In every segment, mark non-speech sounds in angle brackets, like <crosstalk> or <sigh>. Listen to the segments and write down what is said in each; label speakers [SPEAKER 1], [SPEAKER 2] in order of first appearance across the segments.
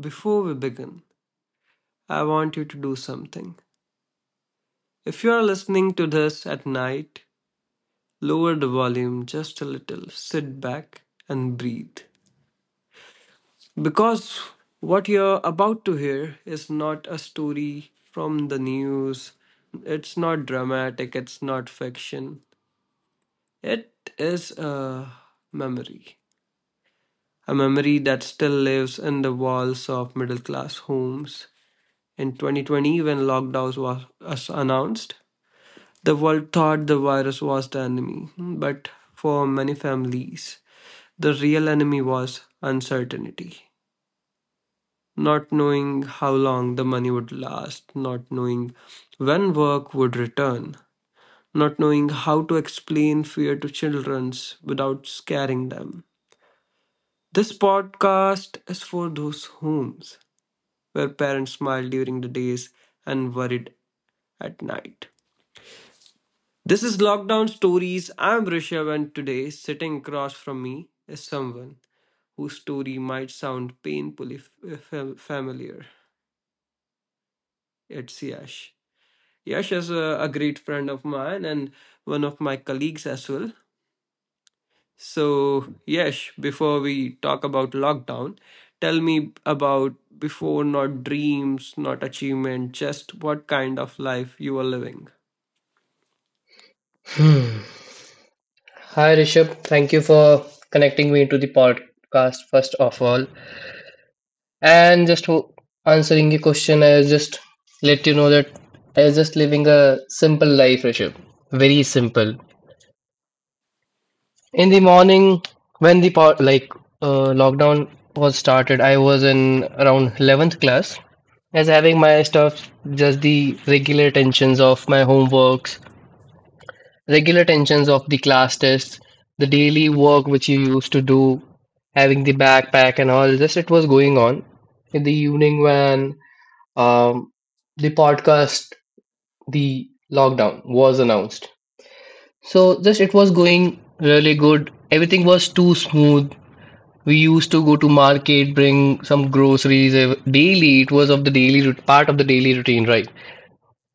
[SPEAKER 1] Before we begin, I want you to do something. If you are listening to this at night, lower the volume just a little, sit back, and breathe. Because what you're about to hear is not a story from the news, it's not dramatic, it's not fiction. It is a memory. A memory that still lives in the walls of middle class homes. In 2020, when lockdown was announced, the world thought the virus was the enemy, but for many families, the real enemy was uncertainty. Not knowing how long the money would last, not knowing when work would return, not knowing how to explain fear to children without scaring them. This podcast is for those homes where parents smiled during the days and worried at night. This is Lockdown Stories. I'm Rishabh, and today, sitting across from me is someone whose story might sound painfully familiar. It's Yash. Yash is a great friend of mine and one of my colleagues as well. So, Yash, before we talk about lockdown, tell me about before, not dreams, not achievement, just what kind of life you were living.
[SPEAKER 2] Hmm. Hi Rishabh, thank you for connecting me to the podcast first of all. And just answering your question, I just let you know that I was just living a simple life, Rishabh. Very simple. In the morning, when the lockdown was started, I was in around 11th class. As having my stuff, just the regular tensions of my homeworks, regular tensions of the class tests, the daily work which you used to do, having the backpack and all, just it was going on. In the evening, when um, the lockdown was announced. So, just it was going really good. Everything was too smooth. We used to go to market, bring some groceries daily. It was of the part of the daily routine, right?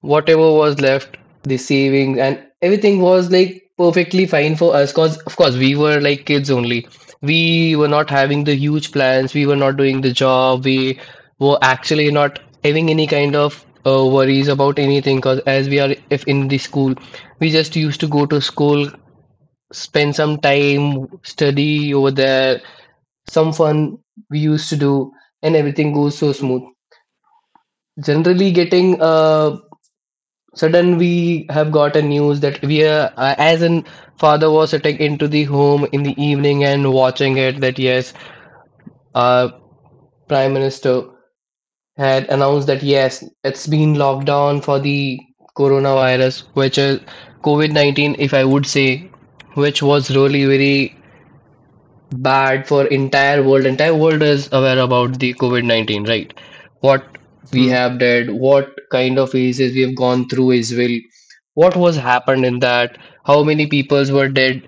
[SPEAKER 2] Whatever was left, the savings and everything was like perfectly fine for us. Cause of course we were like kids only. We were not having the huge plans. We were not doing the job. We were actually not having any kind of worries about anything. Cause as we are if in the school, we just used to go to school, spend some time, study over there, some fun we used to do, and everything goes so smooth. Generally, getting sudden we have got a news that as in father was sitting into the home in the evening and watching it that yes, our prime minister had announced that yes, it's been locked down for the coronavirus, which is covid-19 if I would say, which was really very bad for entire world. Entire world is aware about the COVID-19, right? What we
[SPEAKER 1] Hmm.
[SPEAKER 2] have did, what kind of phases we have gone through as well, what was happened in that, how many peoples were dead,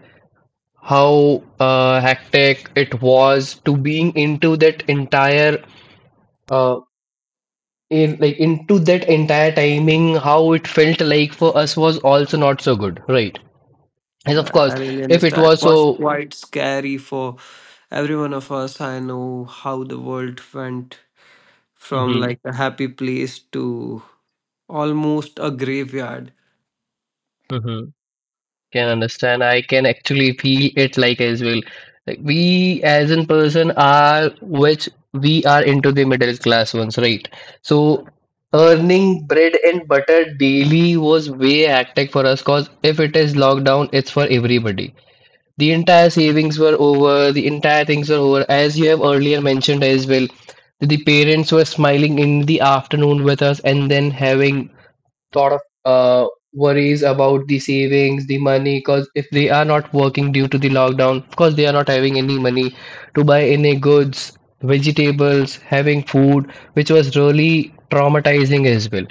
[SPEAKER 2] how hectic it was to being into that entire uh, in like into that entire timing, how it felt like for us was also not so good, right? And of
[SPEAKER 1] Right,
[SPEAKER 2] course,
[SPEAKER 1] I really
[SPEAKER 2] if it
[SPEAKER 1] understand.
[SPEAKER 2] was
[SPEAKER 1] What's
[SPEAKER 2] so.
[SPEAKER 1] quite scary for every one of us, I know how the world went from
[SPEAKER 2] Mhm,
[SPEAKER 1] like a happy place to almost a graveyard.
[SPEAKER 2] mhm. Can understand. I can actually feel it like as well. Like we as in person are which we are into the middle class ones, right? So earning bread and butter daily was way hectic for us because if it is lockdown, it's for everybody. The entire savings were over, the entire things were over. As you have earlier mentioned as well, the parents were smiling in the afternoon with us and then having lot of uh, worries about the savings, the money, because if they are not working due to the lockdown, of course they are not having any money to buy any goods, vegetables, having food, which was really traumatizing as well.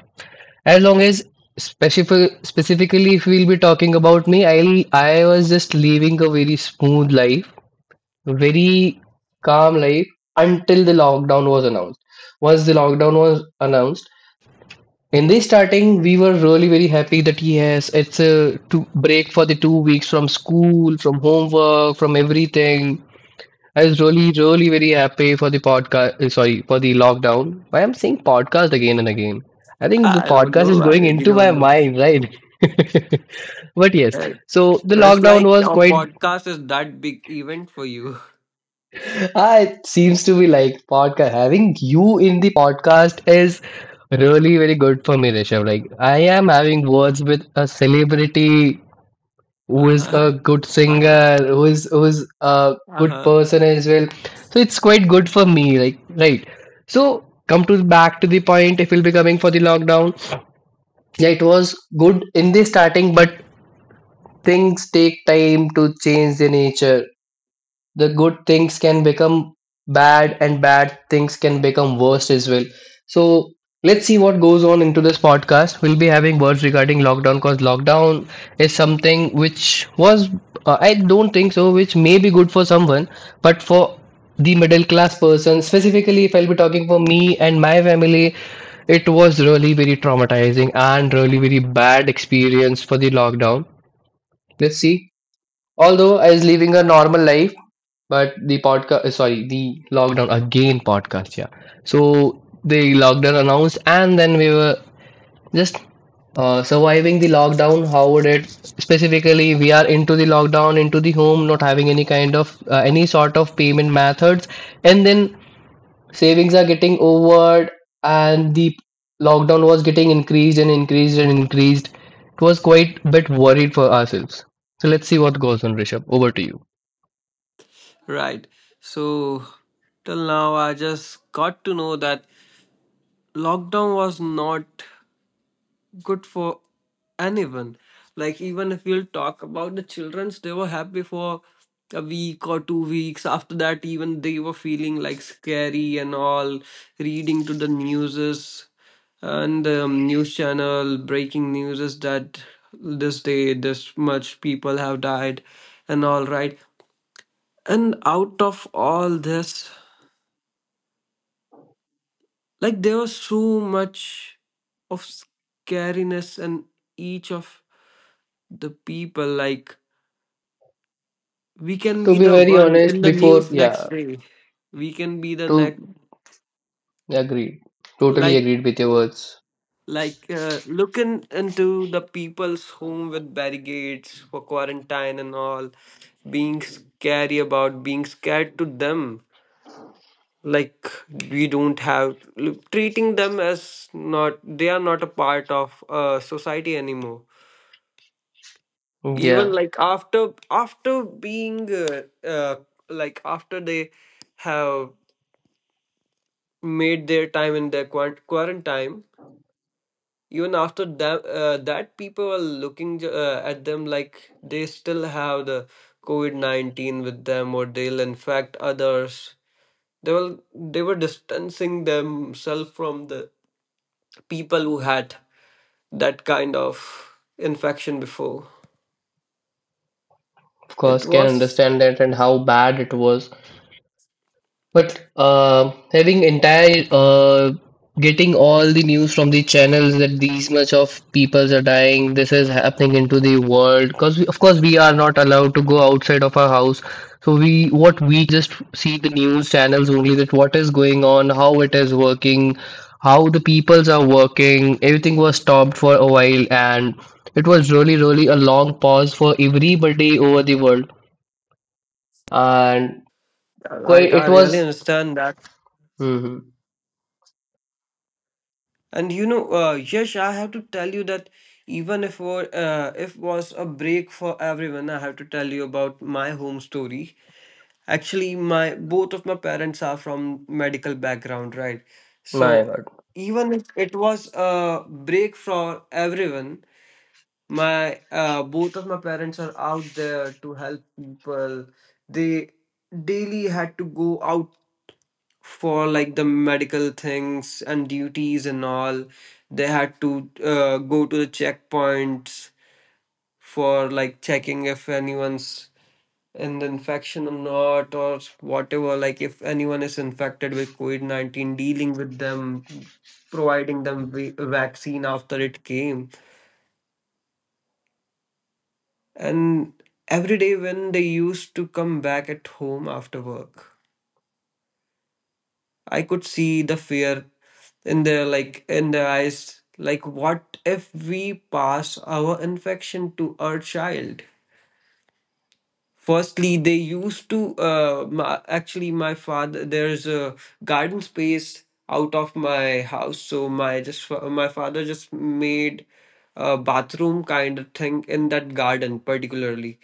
[SPEAKER 2] As long as specifically, if we'll be talking about me, I was just living a very smooth life, very calm life until the lockdown was announced. Once the lockdown was announced, in the starting, we were really very happy that yes, it's a two break for the 2 weeks from school, from homework, from everything. I was really, really very happy for the podcast. Sorry, for the lockdown. Why I'm saying podcast again and again? I think the
[SPEAKER 1] I don't
[SPEAKER 2] podcast
[SPEAKER 1] know,
[SPEAKER 2] is
[SPEAKER 1] I
[SPEAKER 2] going
[SPEAKER 1] really
[SPEAKER 2] into my
[SPEAKER 1] don't know.
[SPEAKER 2] mind, right? <laughs> But yes,
[SPEAKER 1] Uh,
[SPEAKER 2] so the
[SPEAKER 1] press
[SPEAKER 2] lockdown
[SPEAKER 1] like
[SPEAKER 2] was
[SPEAKER 1] a
[SPEAKER 2] quite.
[SPEAKER 1] podcast is that big event for you.
[SPEAKER 2] Ah, it seems to be like podcast. Having you in the podcast is really very good for me, Rishabh. Like I am having words with a celebrity
[SPEAKER 1] <laughs>
[SPEAKER 2] who is
[SPEAKER 1] Uh-huh,
[SPEAKER 2] a good
[SPEAKER 1] uh-huh,
[SPEAKER 2] singer, who is a good
[SPEAKER 1] uh-huh.
[SPEAKER 2] person as well. So it's quite good for me. Like right. So come to back to the point. If we'll be coming for the lockdown, yeah, it was good in the starting, but things take time to change the nature, the good things can become bad and bad things can become worse as well. So let's see what goes on into this podcast. We'll be having words regarding lockdown because lockdown is something which was I don't think so which may be good for someone, but for the middle class person specifically, if I'll be talking for me and my family, it was really very traumatizing and really very bad experience for the lockdown. Let's see. Although I was living a normal life, but the podcast, sorry, the lockdown again podcast, yeah. So the lockdown announced, and then we were just surviving the lockdown. How would it specifically? We are into the lockdown, into the home, not having any kind of any sort of payment methods, and then savings are getting over and the lockdown was getting increased and increased and increased. It was quite a bit worried for ourselves, so let's see what goes on, Rishabh. Over to you.
[SPEAKER 1] Right, so till now I just got to know that lockdown was not good for anyone. Like even if we'll talk about the childrens, they were happy for a week or 2 weeks. After that, even they were feeling like scary and all, reading to the newses and news channel breaking news is that this day this much people have died and all, right. And out of all this, like there was so much of scariness in each of the people. Like we can
[SPEAKER 2] To
[SPEAKER 1] be
[SPEAKER 2] be
[SPEAKER 1] the
[SPEAKER 2] very
[SPEAKER 1] one in
[SPEAKER 2] honest,
[SPEAKER 1] the
[SPEAKER 2] before,
[SPEAKER 1] news
[SPEAKER 2] yeah,
[SPEAKER 1] next day, we can be the next,
[SPEAKER 2] to agreed, totally
[SPEAKER 1] like
[SPEAKER 2] agreed with your words,
[SPEAKER 1] like looking into the people's home with barricades for quarantine and all, being scary about, being scared to them, like we don't have, treating them as, not they are not a part of society anymore, even
[SPEAKER 2] yeah,
[SPEAKER 1] like after being uh, like after they have made their time in their quarantine, even after that that people were looking at them like they still have the covid-19 with them or they'll infect others. They were, they were distancing themselves from the people who had that kind of infection before.
[SPEAKER 2] of
[SPEAKER 1] It
[SPEAKER 2] course can
[SPEAKER 1] was,
[SPEAKER 2] understand that and how bad it was. But having entire getting all the news from the channels that these much of peoples are dying, this is happening into the world. Because of course we are not allowed to go outside of our house. So we, what we can do was, we can just see the news channels only, that what is going on, how it is working, how the peoples are working. Everything was stopped for a while, and it was really really a long pause for everybody over the world, and quite
[SPEAKER 1] I
[SPEAKER 2] it
[SPEAKER 1] really
[SPEAKER 2] was.
[SPEAKER 1] understand that.
[SPEAKER 2] Mhm.
[SPEAKER 1] And you know, Yash, I have to tell you that even if if was a break for everyone, I have to tell you about my home story. Actually, my both of my parents are from medical background, right?
[SPEAKER 2] My
[SPEAKER 1] So
[SPEAKER 2] God.
[SPEAKER 1] even if it was a break for everyone, my both of my parents are out there to help people. They daily had to go out for like the medical things and duties and all. They had to go to the checkpoints for like checking if anyone's in the infection or not or whatever, like if anyone is infected with covid-19, dealing with them, providing them vaccine after it came. And every day when they used to come back at home after work, I could see the fear in their, like in their eyes, like what if we pass our infection to our child. Firstly, they used to, my, actually my father, there's a garden space out of my house. So my, just my father just made a bathroom kind of thing in that garden particularly,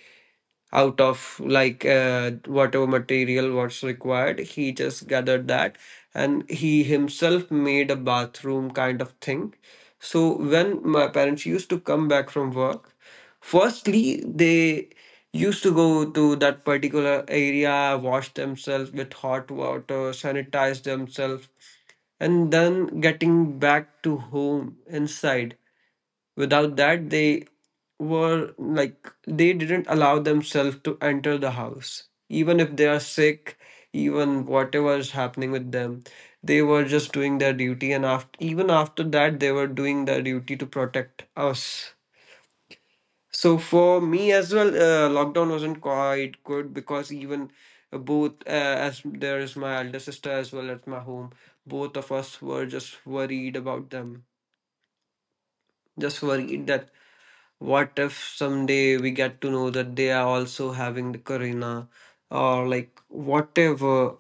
[SPEAKER 1] out of like whatever material was required. He just gathered that and he himself made a bathroom kind of thing. So when my parents used to come back from work, firstly they used to go to that particular area, wash themselves with hot water, sanitize themselves, and then getting back to home inside. Without that, they were like, they didn't allow themselves to enter the house. Even if they are sick, even whatever is happening with them, they were just doing their duty. And after, even after that, they were doing their duty to protect us. So for me as well, lockdown wasn't quite good. Because even uh, both, uh, as there is my elder sister as well as my home, both of us were just worried about them, just worried that what if someday we get to know that they are also having the corona, or like whatever?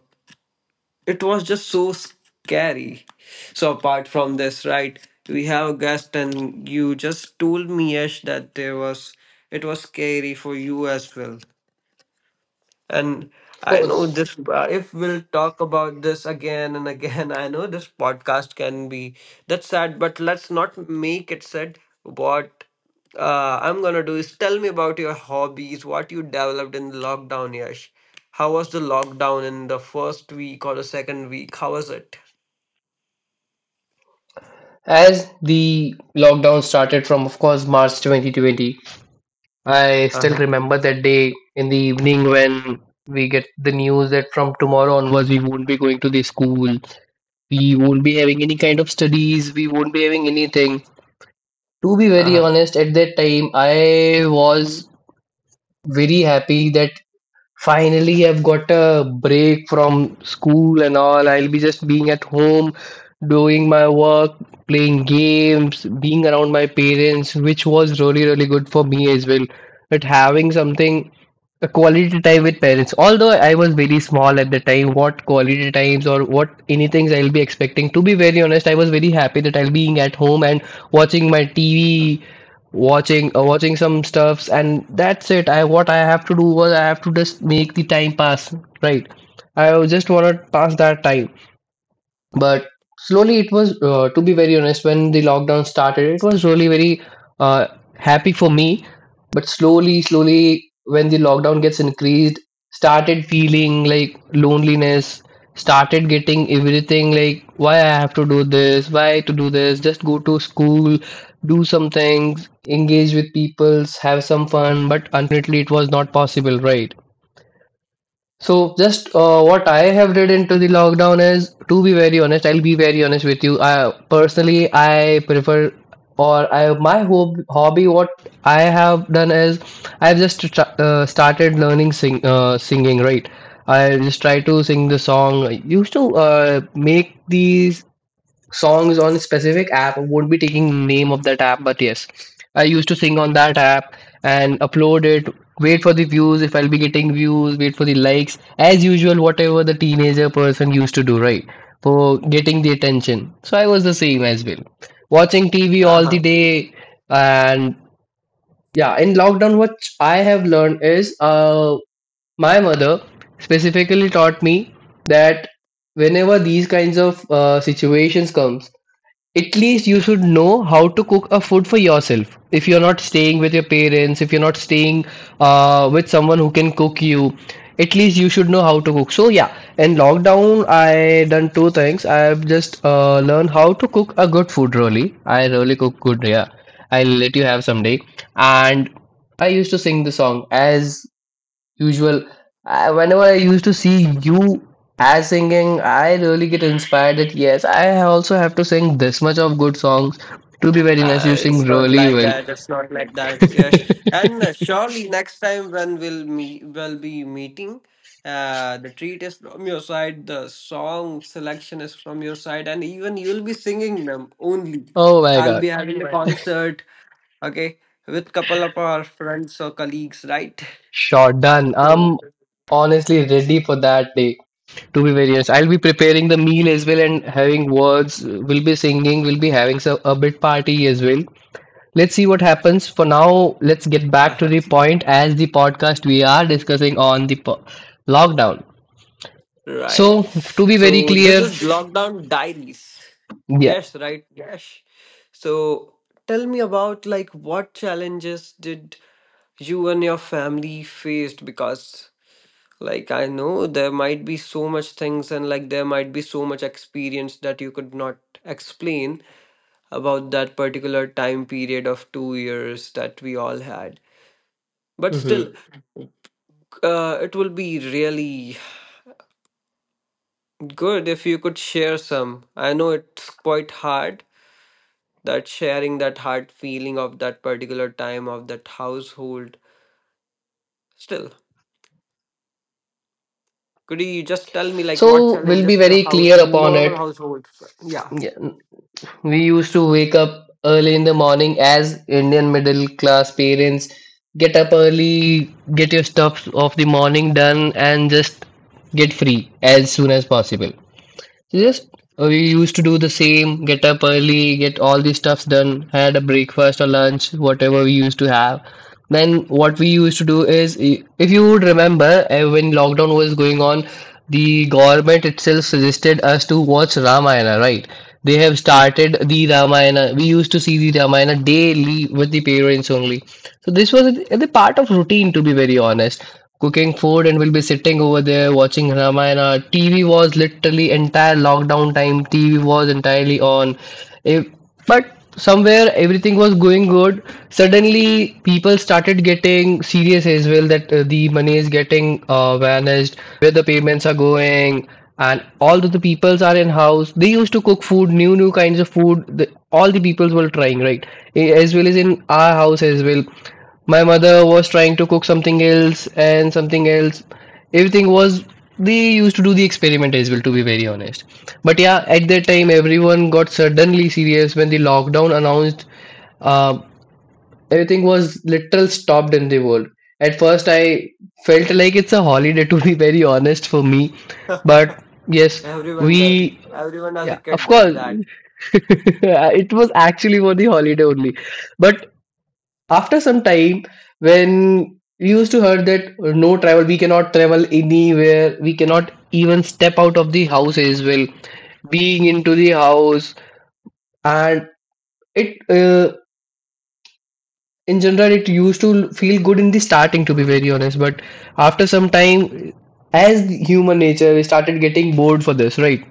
[SPEAKER 1] It was just so scary. So, apart from this, right, we have a guest, and you just told me, Yash, that there was, it was scary for you as well. And
[SPEAKER 2] Of
[SPEAKER 1] I know
[SPEAKER 2] course.
[SPEAKER 1] this, if we'll talk about this again and again, I know this podcast can be that's sad, but let's not make it sad. What I'm gonna do is tell me about your hobbies, what you developed in lockdown, Yash. How was the lockdown in the first week or the second week? How was it?
[SPEAKER 2] As the lockdown started from, of course, March 2020, I still
[SPEAKER 1] Uh-huh.
[SPEAKER 2] remember that day in the evening when we get the news that from tomorrow onwards we won't be going to the school, we won't be having any kind of studies, we won't be having anything. To be very
[SPEAKER 1] Uh-huh.
[SPEAKER 2] honest, at that time, I was very happy that finally, I've got a break from school and all. I'll be just being at home, doing my work, playing games, being around my parents, which was really, really good for me as well. But having something, a quality time with parents. Although I was very small at the time, what quality times or what anything I'll be expecting. To be very honest, I was very happy that I'll be being at home and watching my TV, watching some stuffs and that's it. I, what I have to do was, I have to just make the time pass, right? I just want to pass that time. But slowly it was to be very honest, when the lockdown started it was really very uh, happy for me, but slowly slowly when the lockdown gets increased, started feeling like loneliness, started getting everything like, why I have to do this, why to do this, just go to school, do some things, engage with peoples, have some fun. But unfortunately it was not possible, right? So just what I have read into the lockdown is, to be very honest, I'll be very honest with you. I prefer or I, my hobby, what I have done is I've just tr started learning singing, right. I just try to sing the song. I used to make these songs on specific app. I won't be taking name of that app, but yes, I used to sing on that app and upload it. Wait for the views if I'll be getting views. Wait for the likes as usual. Whatever the teenager person used to do, right? For getting the attention. So I was the same as well. Watching TV all the day and yeah. In lockdown, what I have learned is, my mother specifically taught me that whenever these kinds of situations comes, at least you should know how to cook a food for yourself. If you're not staying with your parents, if you're not staying with someone who can cook you, at least you should know how to cook. So yeah, in lockdown I done two things. I've just learned how to cook a good food, really, I really cook good, yeah, I'll let you have someday. And I used to sing the song as usual. Whenever I used to see you as singing, I really get inspired that yes, I also have to sing this much of good songs. To be very nice,
[SPEAKER 1] Uh,
[SPEAKER 2] you sing
[SPEAKER 1] it's not
[SPEAKER 2] really
[SPEAKER 1] like
[SPEAKER 2] well.
[SPEAKER 1] that. It's not like that, Yash. And surely next time when we'll meet, we'll be meeting. The treat is from your side. The song selection is from your side, and even you'll be singing them only.
[SPEAKER 2] Oh my
[SPEAKER 1] I'll
[SPEAKER 2] god,
[SPEAKER 1] be having a concert, okay, with couple of our friends or colleagues, right?
[SPEAKER 2] sure done.
[SPEAKER 1] So,
[SPEAKER 2] I'm honestly ready for that day. To be very honest, I'll be preparing the meal as well and having words. We'll be singing. We'll be having a bit party as well. Let's see what happens. For now, let's get
[SPEAKER 1] uh.
[SPEAKER 2] back to the point, as the podcast we are discussing on the lockdown.
[SPEAKER 1] Right.
[SPEAKER 2] So, to be very
[SPEAKER 1] So this
[SPEAKER 2] clear,
[SPEAKER 1] is Lockdown Diaries.
[SPEAKER 2] yeah.
[SPEAKER 1] Yes, right. Yes. So tell me about like what challenges did you and your family faced, because like I know there might be so much things and like there might be so much experience that you could not explain about that particular time period of 2 years that we all had. But still,
[SPEAKER 2] Mm-hmm.
[SPEAKER 1] it will be really good if you could share some. I know it's quite hard, that sharing that heart feeling of that particular time of that household, still could you just tell me like what
[SPEAKER 2] So, we'll be
[SPEAKER 1] challenges the
[SPEAKER 2] very
[SPEAKER 1] house,
[SPEAKER 2] clear upon
[SPEAKER 1] normal
[SPEAKER 2] it.
[SPEAKER 1] household yeah,
[SPEAKER 2] Yeah. We used to wake up early in the morning as Indian middle class parents. Get up early, get your stuff of the morning done, and just get free as soon as possible. So
[SPEAKER 1] right.
[SPEAKER 2] Just we used to do the same, get up early, get all these stuffs done, had a breakfast or lunch, whatever we used to have. Then what we used to do is, if you would remember, when lockdown was going on, the government itself suggested us to watch Ramayana, right? They have started the Ramayana. We used to see the Ramayana daily with the parents only. So this was the part of routine, to be very honest. Cooking food and we'll be sitting over there watching Ramayana. TV was literally entire lockdown time. TV was entirely on. If but somewhere everything was going good, suddenly people started getting serious as well that the money is getting vanished, where the payments are going, and all of the peoples are in house, they used to cook food, new new kinds of food, all the peoples were trying, right? As well as in our house as well, my mother was trying to cook something else and something else. Everything was, they used to do the experiment as well, to be very honest. But yeah, at that time, everyone got suddenly serious when the lockdown announced. Uh, Everything was literal stopped in the world. At first, I felt like it's a holiday, <laughs> to be very honest, for me.
[SPEAKER 1] <laughs>
[SPEAKER 2] But yes,
[SPEAKER 1] Everyone did,
[SPEAKER 2] we
[SPEAKER 1] everyone as a
[SPEAKER 2] yeah, of
[SPEAKER 1] kid did
[SPEAKER 2] course,
[SPEAKER 1] that.
[SPEAKER 2] <laughs> it was actually for the holiday only. But after some time, when we used to heard that no travel, we cannot travel anywhere, we cannot even step out of the house as well, being into the house, and it in general, it used to feel good in the starting, to be
[SPEAKER 1] Mhm.
[SPEAKER 2] very honest, but after some time, as the human nature, we started getting bored for this, right?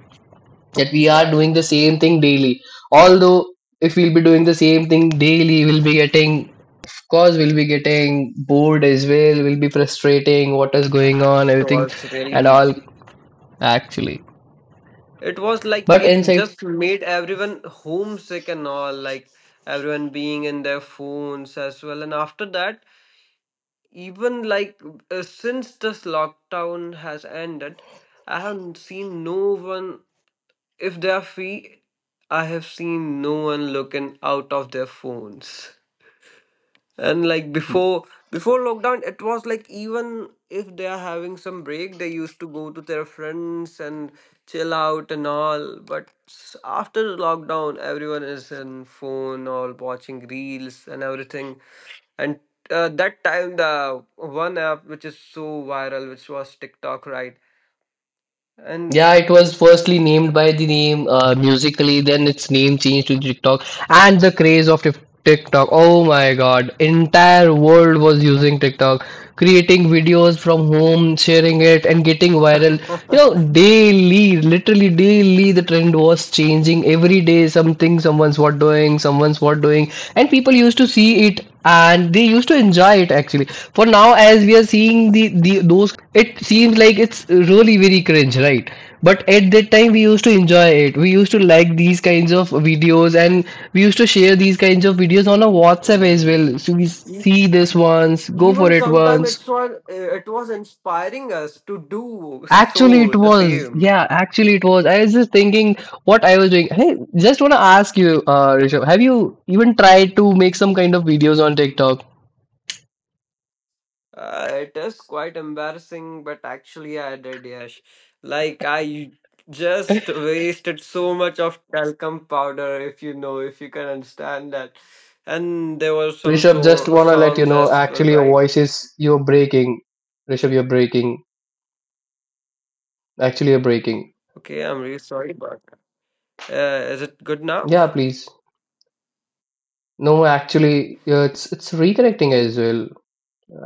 [SPEAKER 2] That we are
[SPEAKER 1] Right.
[SPEAKER 2] doing the same thing daily. Although if we'll be doing the same thing daily, we'll be getting, of course, we'll be getting bored as well. We'll be frustrating. What is going
[SPEAKER 1] Right.
[SPEAKER 2] on?
[SPEAKER 1] It
[SPEAKER 2] Everything
[SPEAKER 1] was
[SPEAKER 2] and
[SPEAKER 1] really,
[SPEAKER 2] all actually.
[SPEAKER 1] it was like
[SPEAKER 2] But
[SPEAKER 1] it
[SPEAKER 2] inside,
[SPEAKER 1] just made everyone homesick and all, like everyone being in their phones as well. And after that, even like since this lockdown has ended, I haven't seen no one, if they are free I have seen no one looking out of their phones. And like before, lockdown it was like even if they are having some break, they used to go to their friends and chill out and all. But after lockdown everyone is in phone or watching reels and everything. And that time the one app which is so viral, which was TikTok, right? And
[SPEAKER 2] yeah, it was firstly named by the name Musically, then its name changed to TikTok, and the craze of TikTok. Oh my God, entire world was using TikTok, creating videos from home, sharing it, and getting viral. You know,
[SPEAKER 1] <laughs>
[SPEAKER 2] daily, literally daily, the trend was changing. Every day, something, someone's what doing, and people used to see it and they used to enjoy it actually. For now, as we are seeing the those kind of videos, it seems like it's really very cringe, right? But at that time, we used to enjoy it, we used to like these kinds of videos, and we used to share these kinds of videos on a WhatsApp as
[SPEAKER 1] really,
[SPEAKER 2] well. So we
[SPEAKER 1] e-
[SPEAKER 2] see this once, go for
[SPEAKER 1] even
[SPEAKER 2] it
[SPEAKER 1] sometime
[SPEAKER 2] once.
[SPEAKER 1] it's was, it was inspiring us to do
[SPEAKER 2] Actually,
[SPEAKER 1] so
[SPEAKER 2] it
[SPEAKER 1] the
[SPEAKER 2] was,
[SPEAKER 1] same.
[SPEAKER 2] yeah, actually, it was, I was just thinking what I was doing. Hey, just want to ask you, Rishabh, have you even tried to make some kind of videos on TikTok?
[SPEAKER 1] It is quite embarrassing, but actually I did, yes. Like I just wasted so much of talcum powder, if you know, if you can understand that. And there were some
[SPEAKER 2] Rishabh, just want to let you
[SPEAKER 1] songs
[SPEAKER 2] know,
[SPEAKER 1] as well,
[SPEAKER 2] actually your
[SPEAKER 1] right?
[SPEAKER 2] voice is, you're breaking, Rishabh, you're breaking, actually you're breaking.
[SPEAKER 1] Okay, I'm really sorry but. Is it good now?
[SPEAKER 2] Yeah, please. No, actually, yeah, it's reconnecting as well.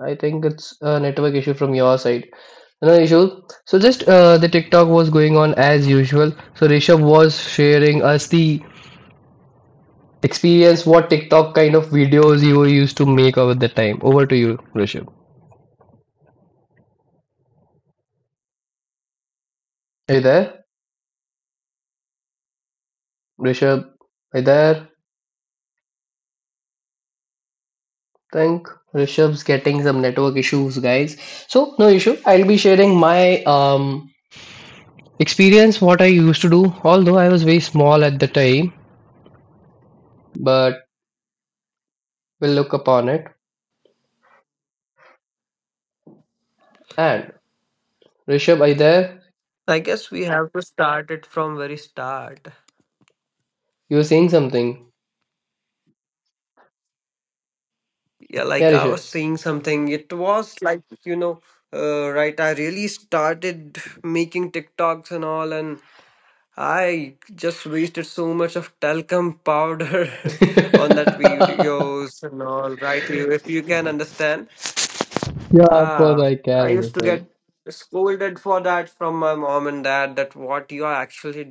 [SPEAKER 2] I think it's a network issue from your side. No issue. So just the TikTok was going on as usual. So Rishabh was sharing us the experience, what TikTok kind of videos you were used to make over the time. Over to you, Rishabh. Are you there? Rishabh, are you there? Think Rishabh's getting some network issues, guys. So no issue. I'll be sharing my experience what I used to do, although I was very small at the time, but we'll look upon it. And Rishabh, are you there?
[SPEAKER 3] I guess we have to start it from very start.
[SPEAKER 2] You're saying something.
[SPEAKER 3] Yeah,
[SPEAKER 2] Yeah,
[SPEAKER 3] like I
[SPEAKER 2] Rishabh.
[SPEAKER 3] was saying something. It was right, I really started making TikToks and all, and I just wasted so much of talcum powder <laughs> on that
[SPEAKER 2] <laughs>
[SPEAKER 3] videos and all. Right, you if you can understand.
[SPEAKER 2] Yeah, of course
[SPEAKER 3] Ah,
[SPEAKER 2] I can
[SPEAKER 3] I used to
[SPEAKER 2] understand.
[SPEAKER 3] get scolded for that from my mom and dad. That what you are actually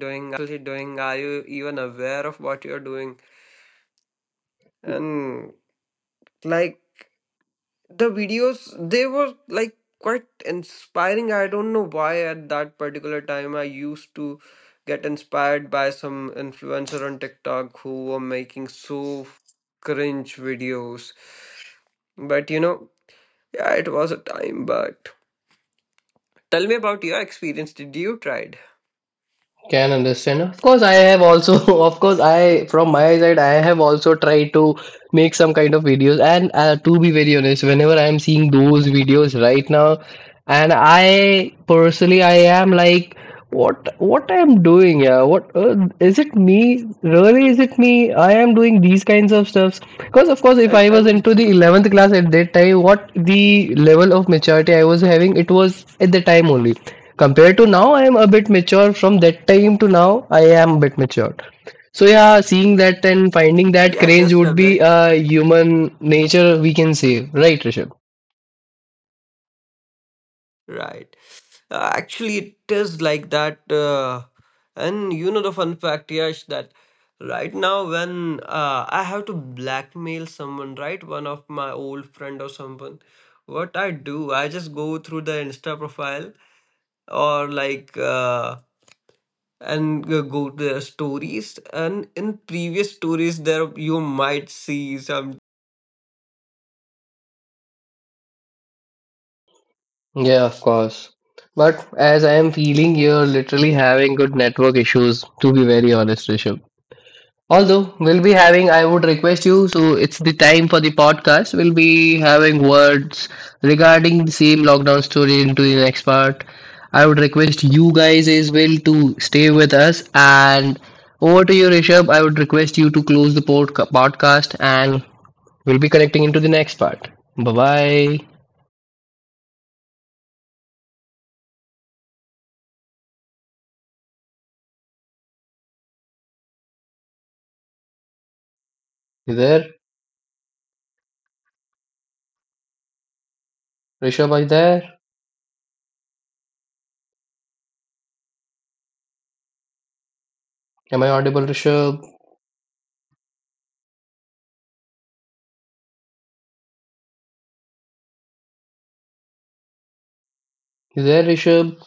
[SPEAKER 3] doing? Are you even aware of what you are doing? And like the videos they were like quite inspiring. I don't know why at that particular time I used to get inspired by some influencer on TikTok who were making so cringe videos. But you know, yeah, it was a time. But tell me about your experience. Did you tried
[SPEAKER 2] Can understand. Of course I have also <laughs> of course I, from my side, I have also tried to make some kind of videos, and to be very honest, whenever I am seeing those videos right now, and I personally, I am like, what I'm doing? Yeah, what, is it me really, is it me? I am doing these kinds of stuffs, because of course, if
[SPEAKER 3] and,
[SPEAKER 2] I was
[SPEAKER 3] and
[SPEAKER 2] into the 11th class at that time, what the level of maturity I was having, it was at the time only. Compared to now, I am a bit mature from that time. To now, I am a bit matured. So yeah, seeing that and finding that
[SPEAKER 3] yeah,
[SPEAKER 2] cringe
[SPEAKER 3] just a
[SPEAKER 2] would be
[SPEAKER 3] bit.
[SPEAKER 2] a human nature, we can say, right, Rishabh?
[SPEAKER 3] Right. Actually, it is like that. And you know the fun fact, Yash, that right now when I have to blackmail someone, right, one of my old friend or someone, what I do, I just go through the Insta profile or like and go to their stories. And in previous stories, there you might see some
[SPEAKER 2] Yeah, of course. But as I am feeling, you're literally having good network issues, to be very honest, Rishabh. Although we'll be having, I would request you, so it's the time for the podcast. We'll be having words regarding the same lockdown story into the next part. I would request you guys as well to stay with us. And over to you, Rishabh. I would request you to close the podcast, and we'll be connecting into the next part. Bye bye. You there? Rishabh, are you there? Am I audible, Rishabh? You there, Rishabh?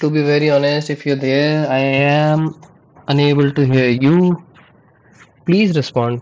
[SPEAKER 2] To be very honest, if you're there, I am unable to hear you. Please respond.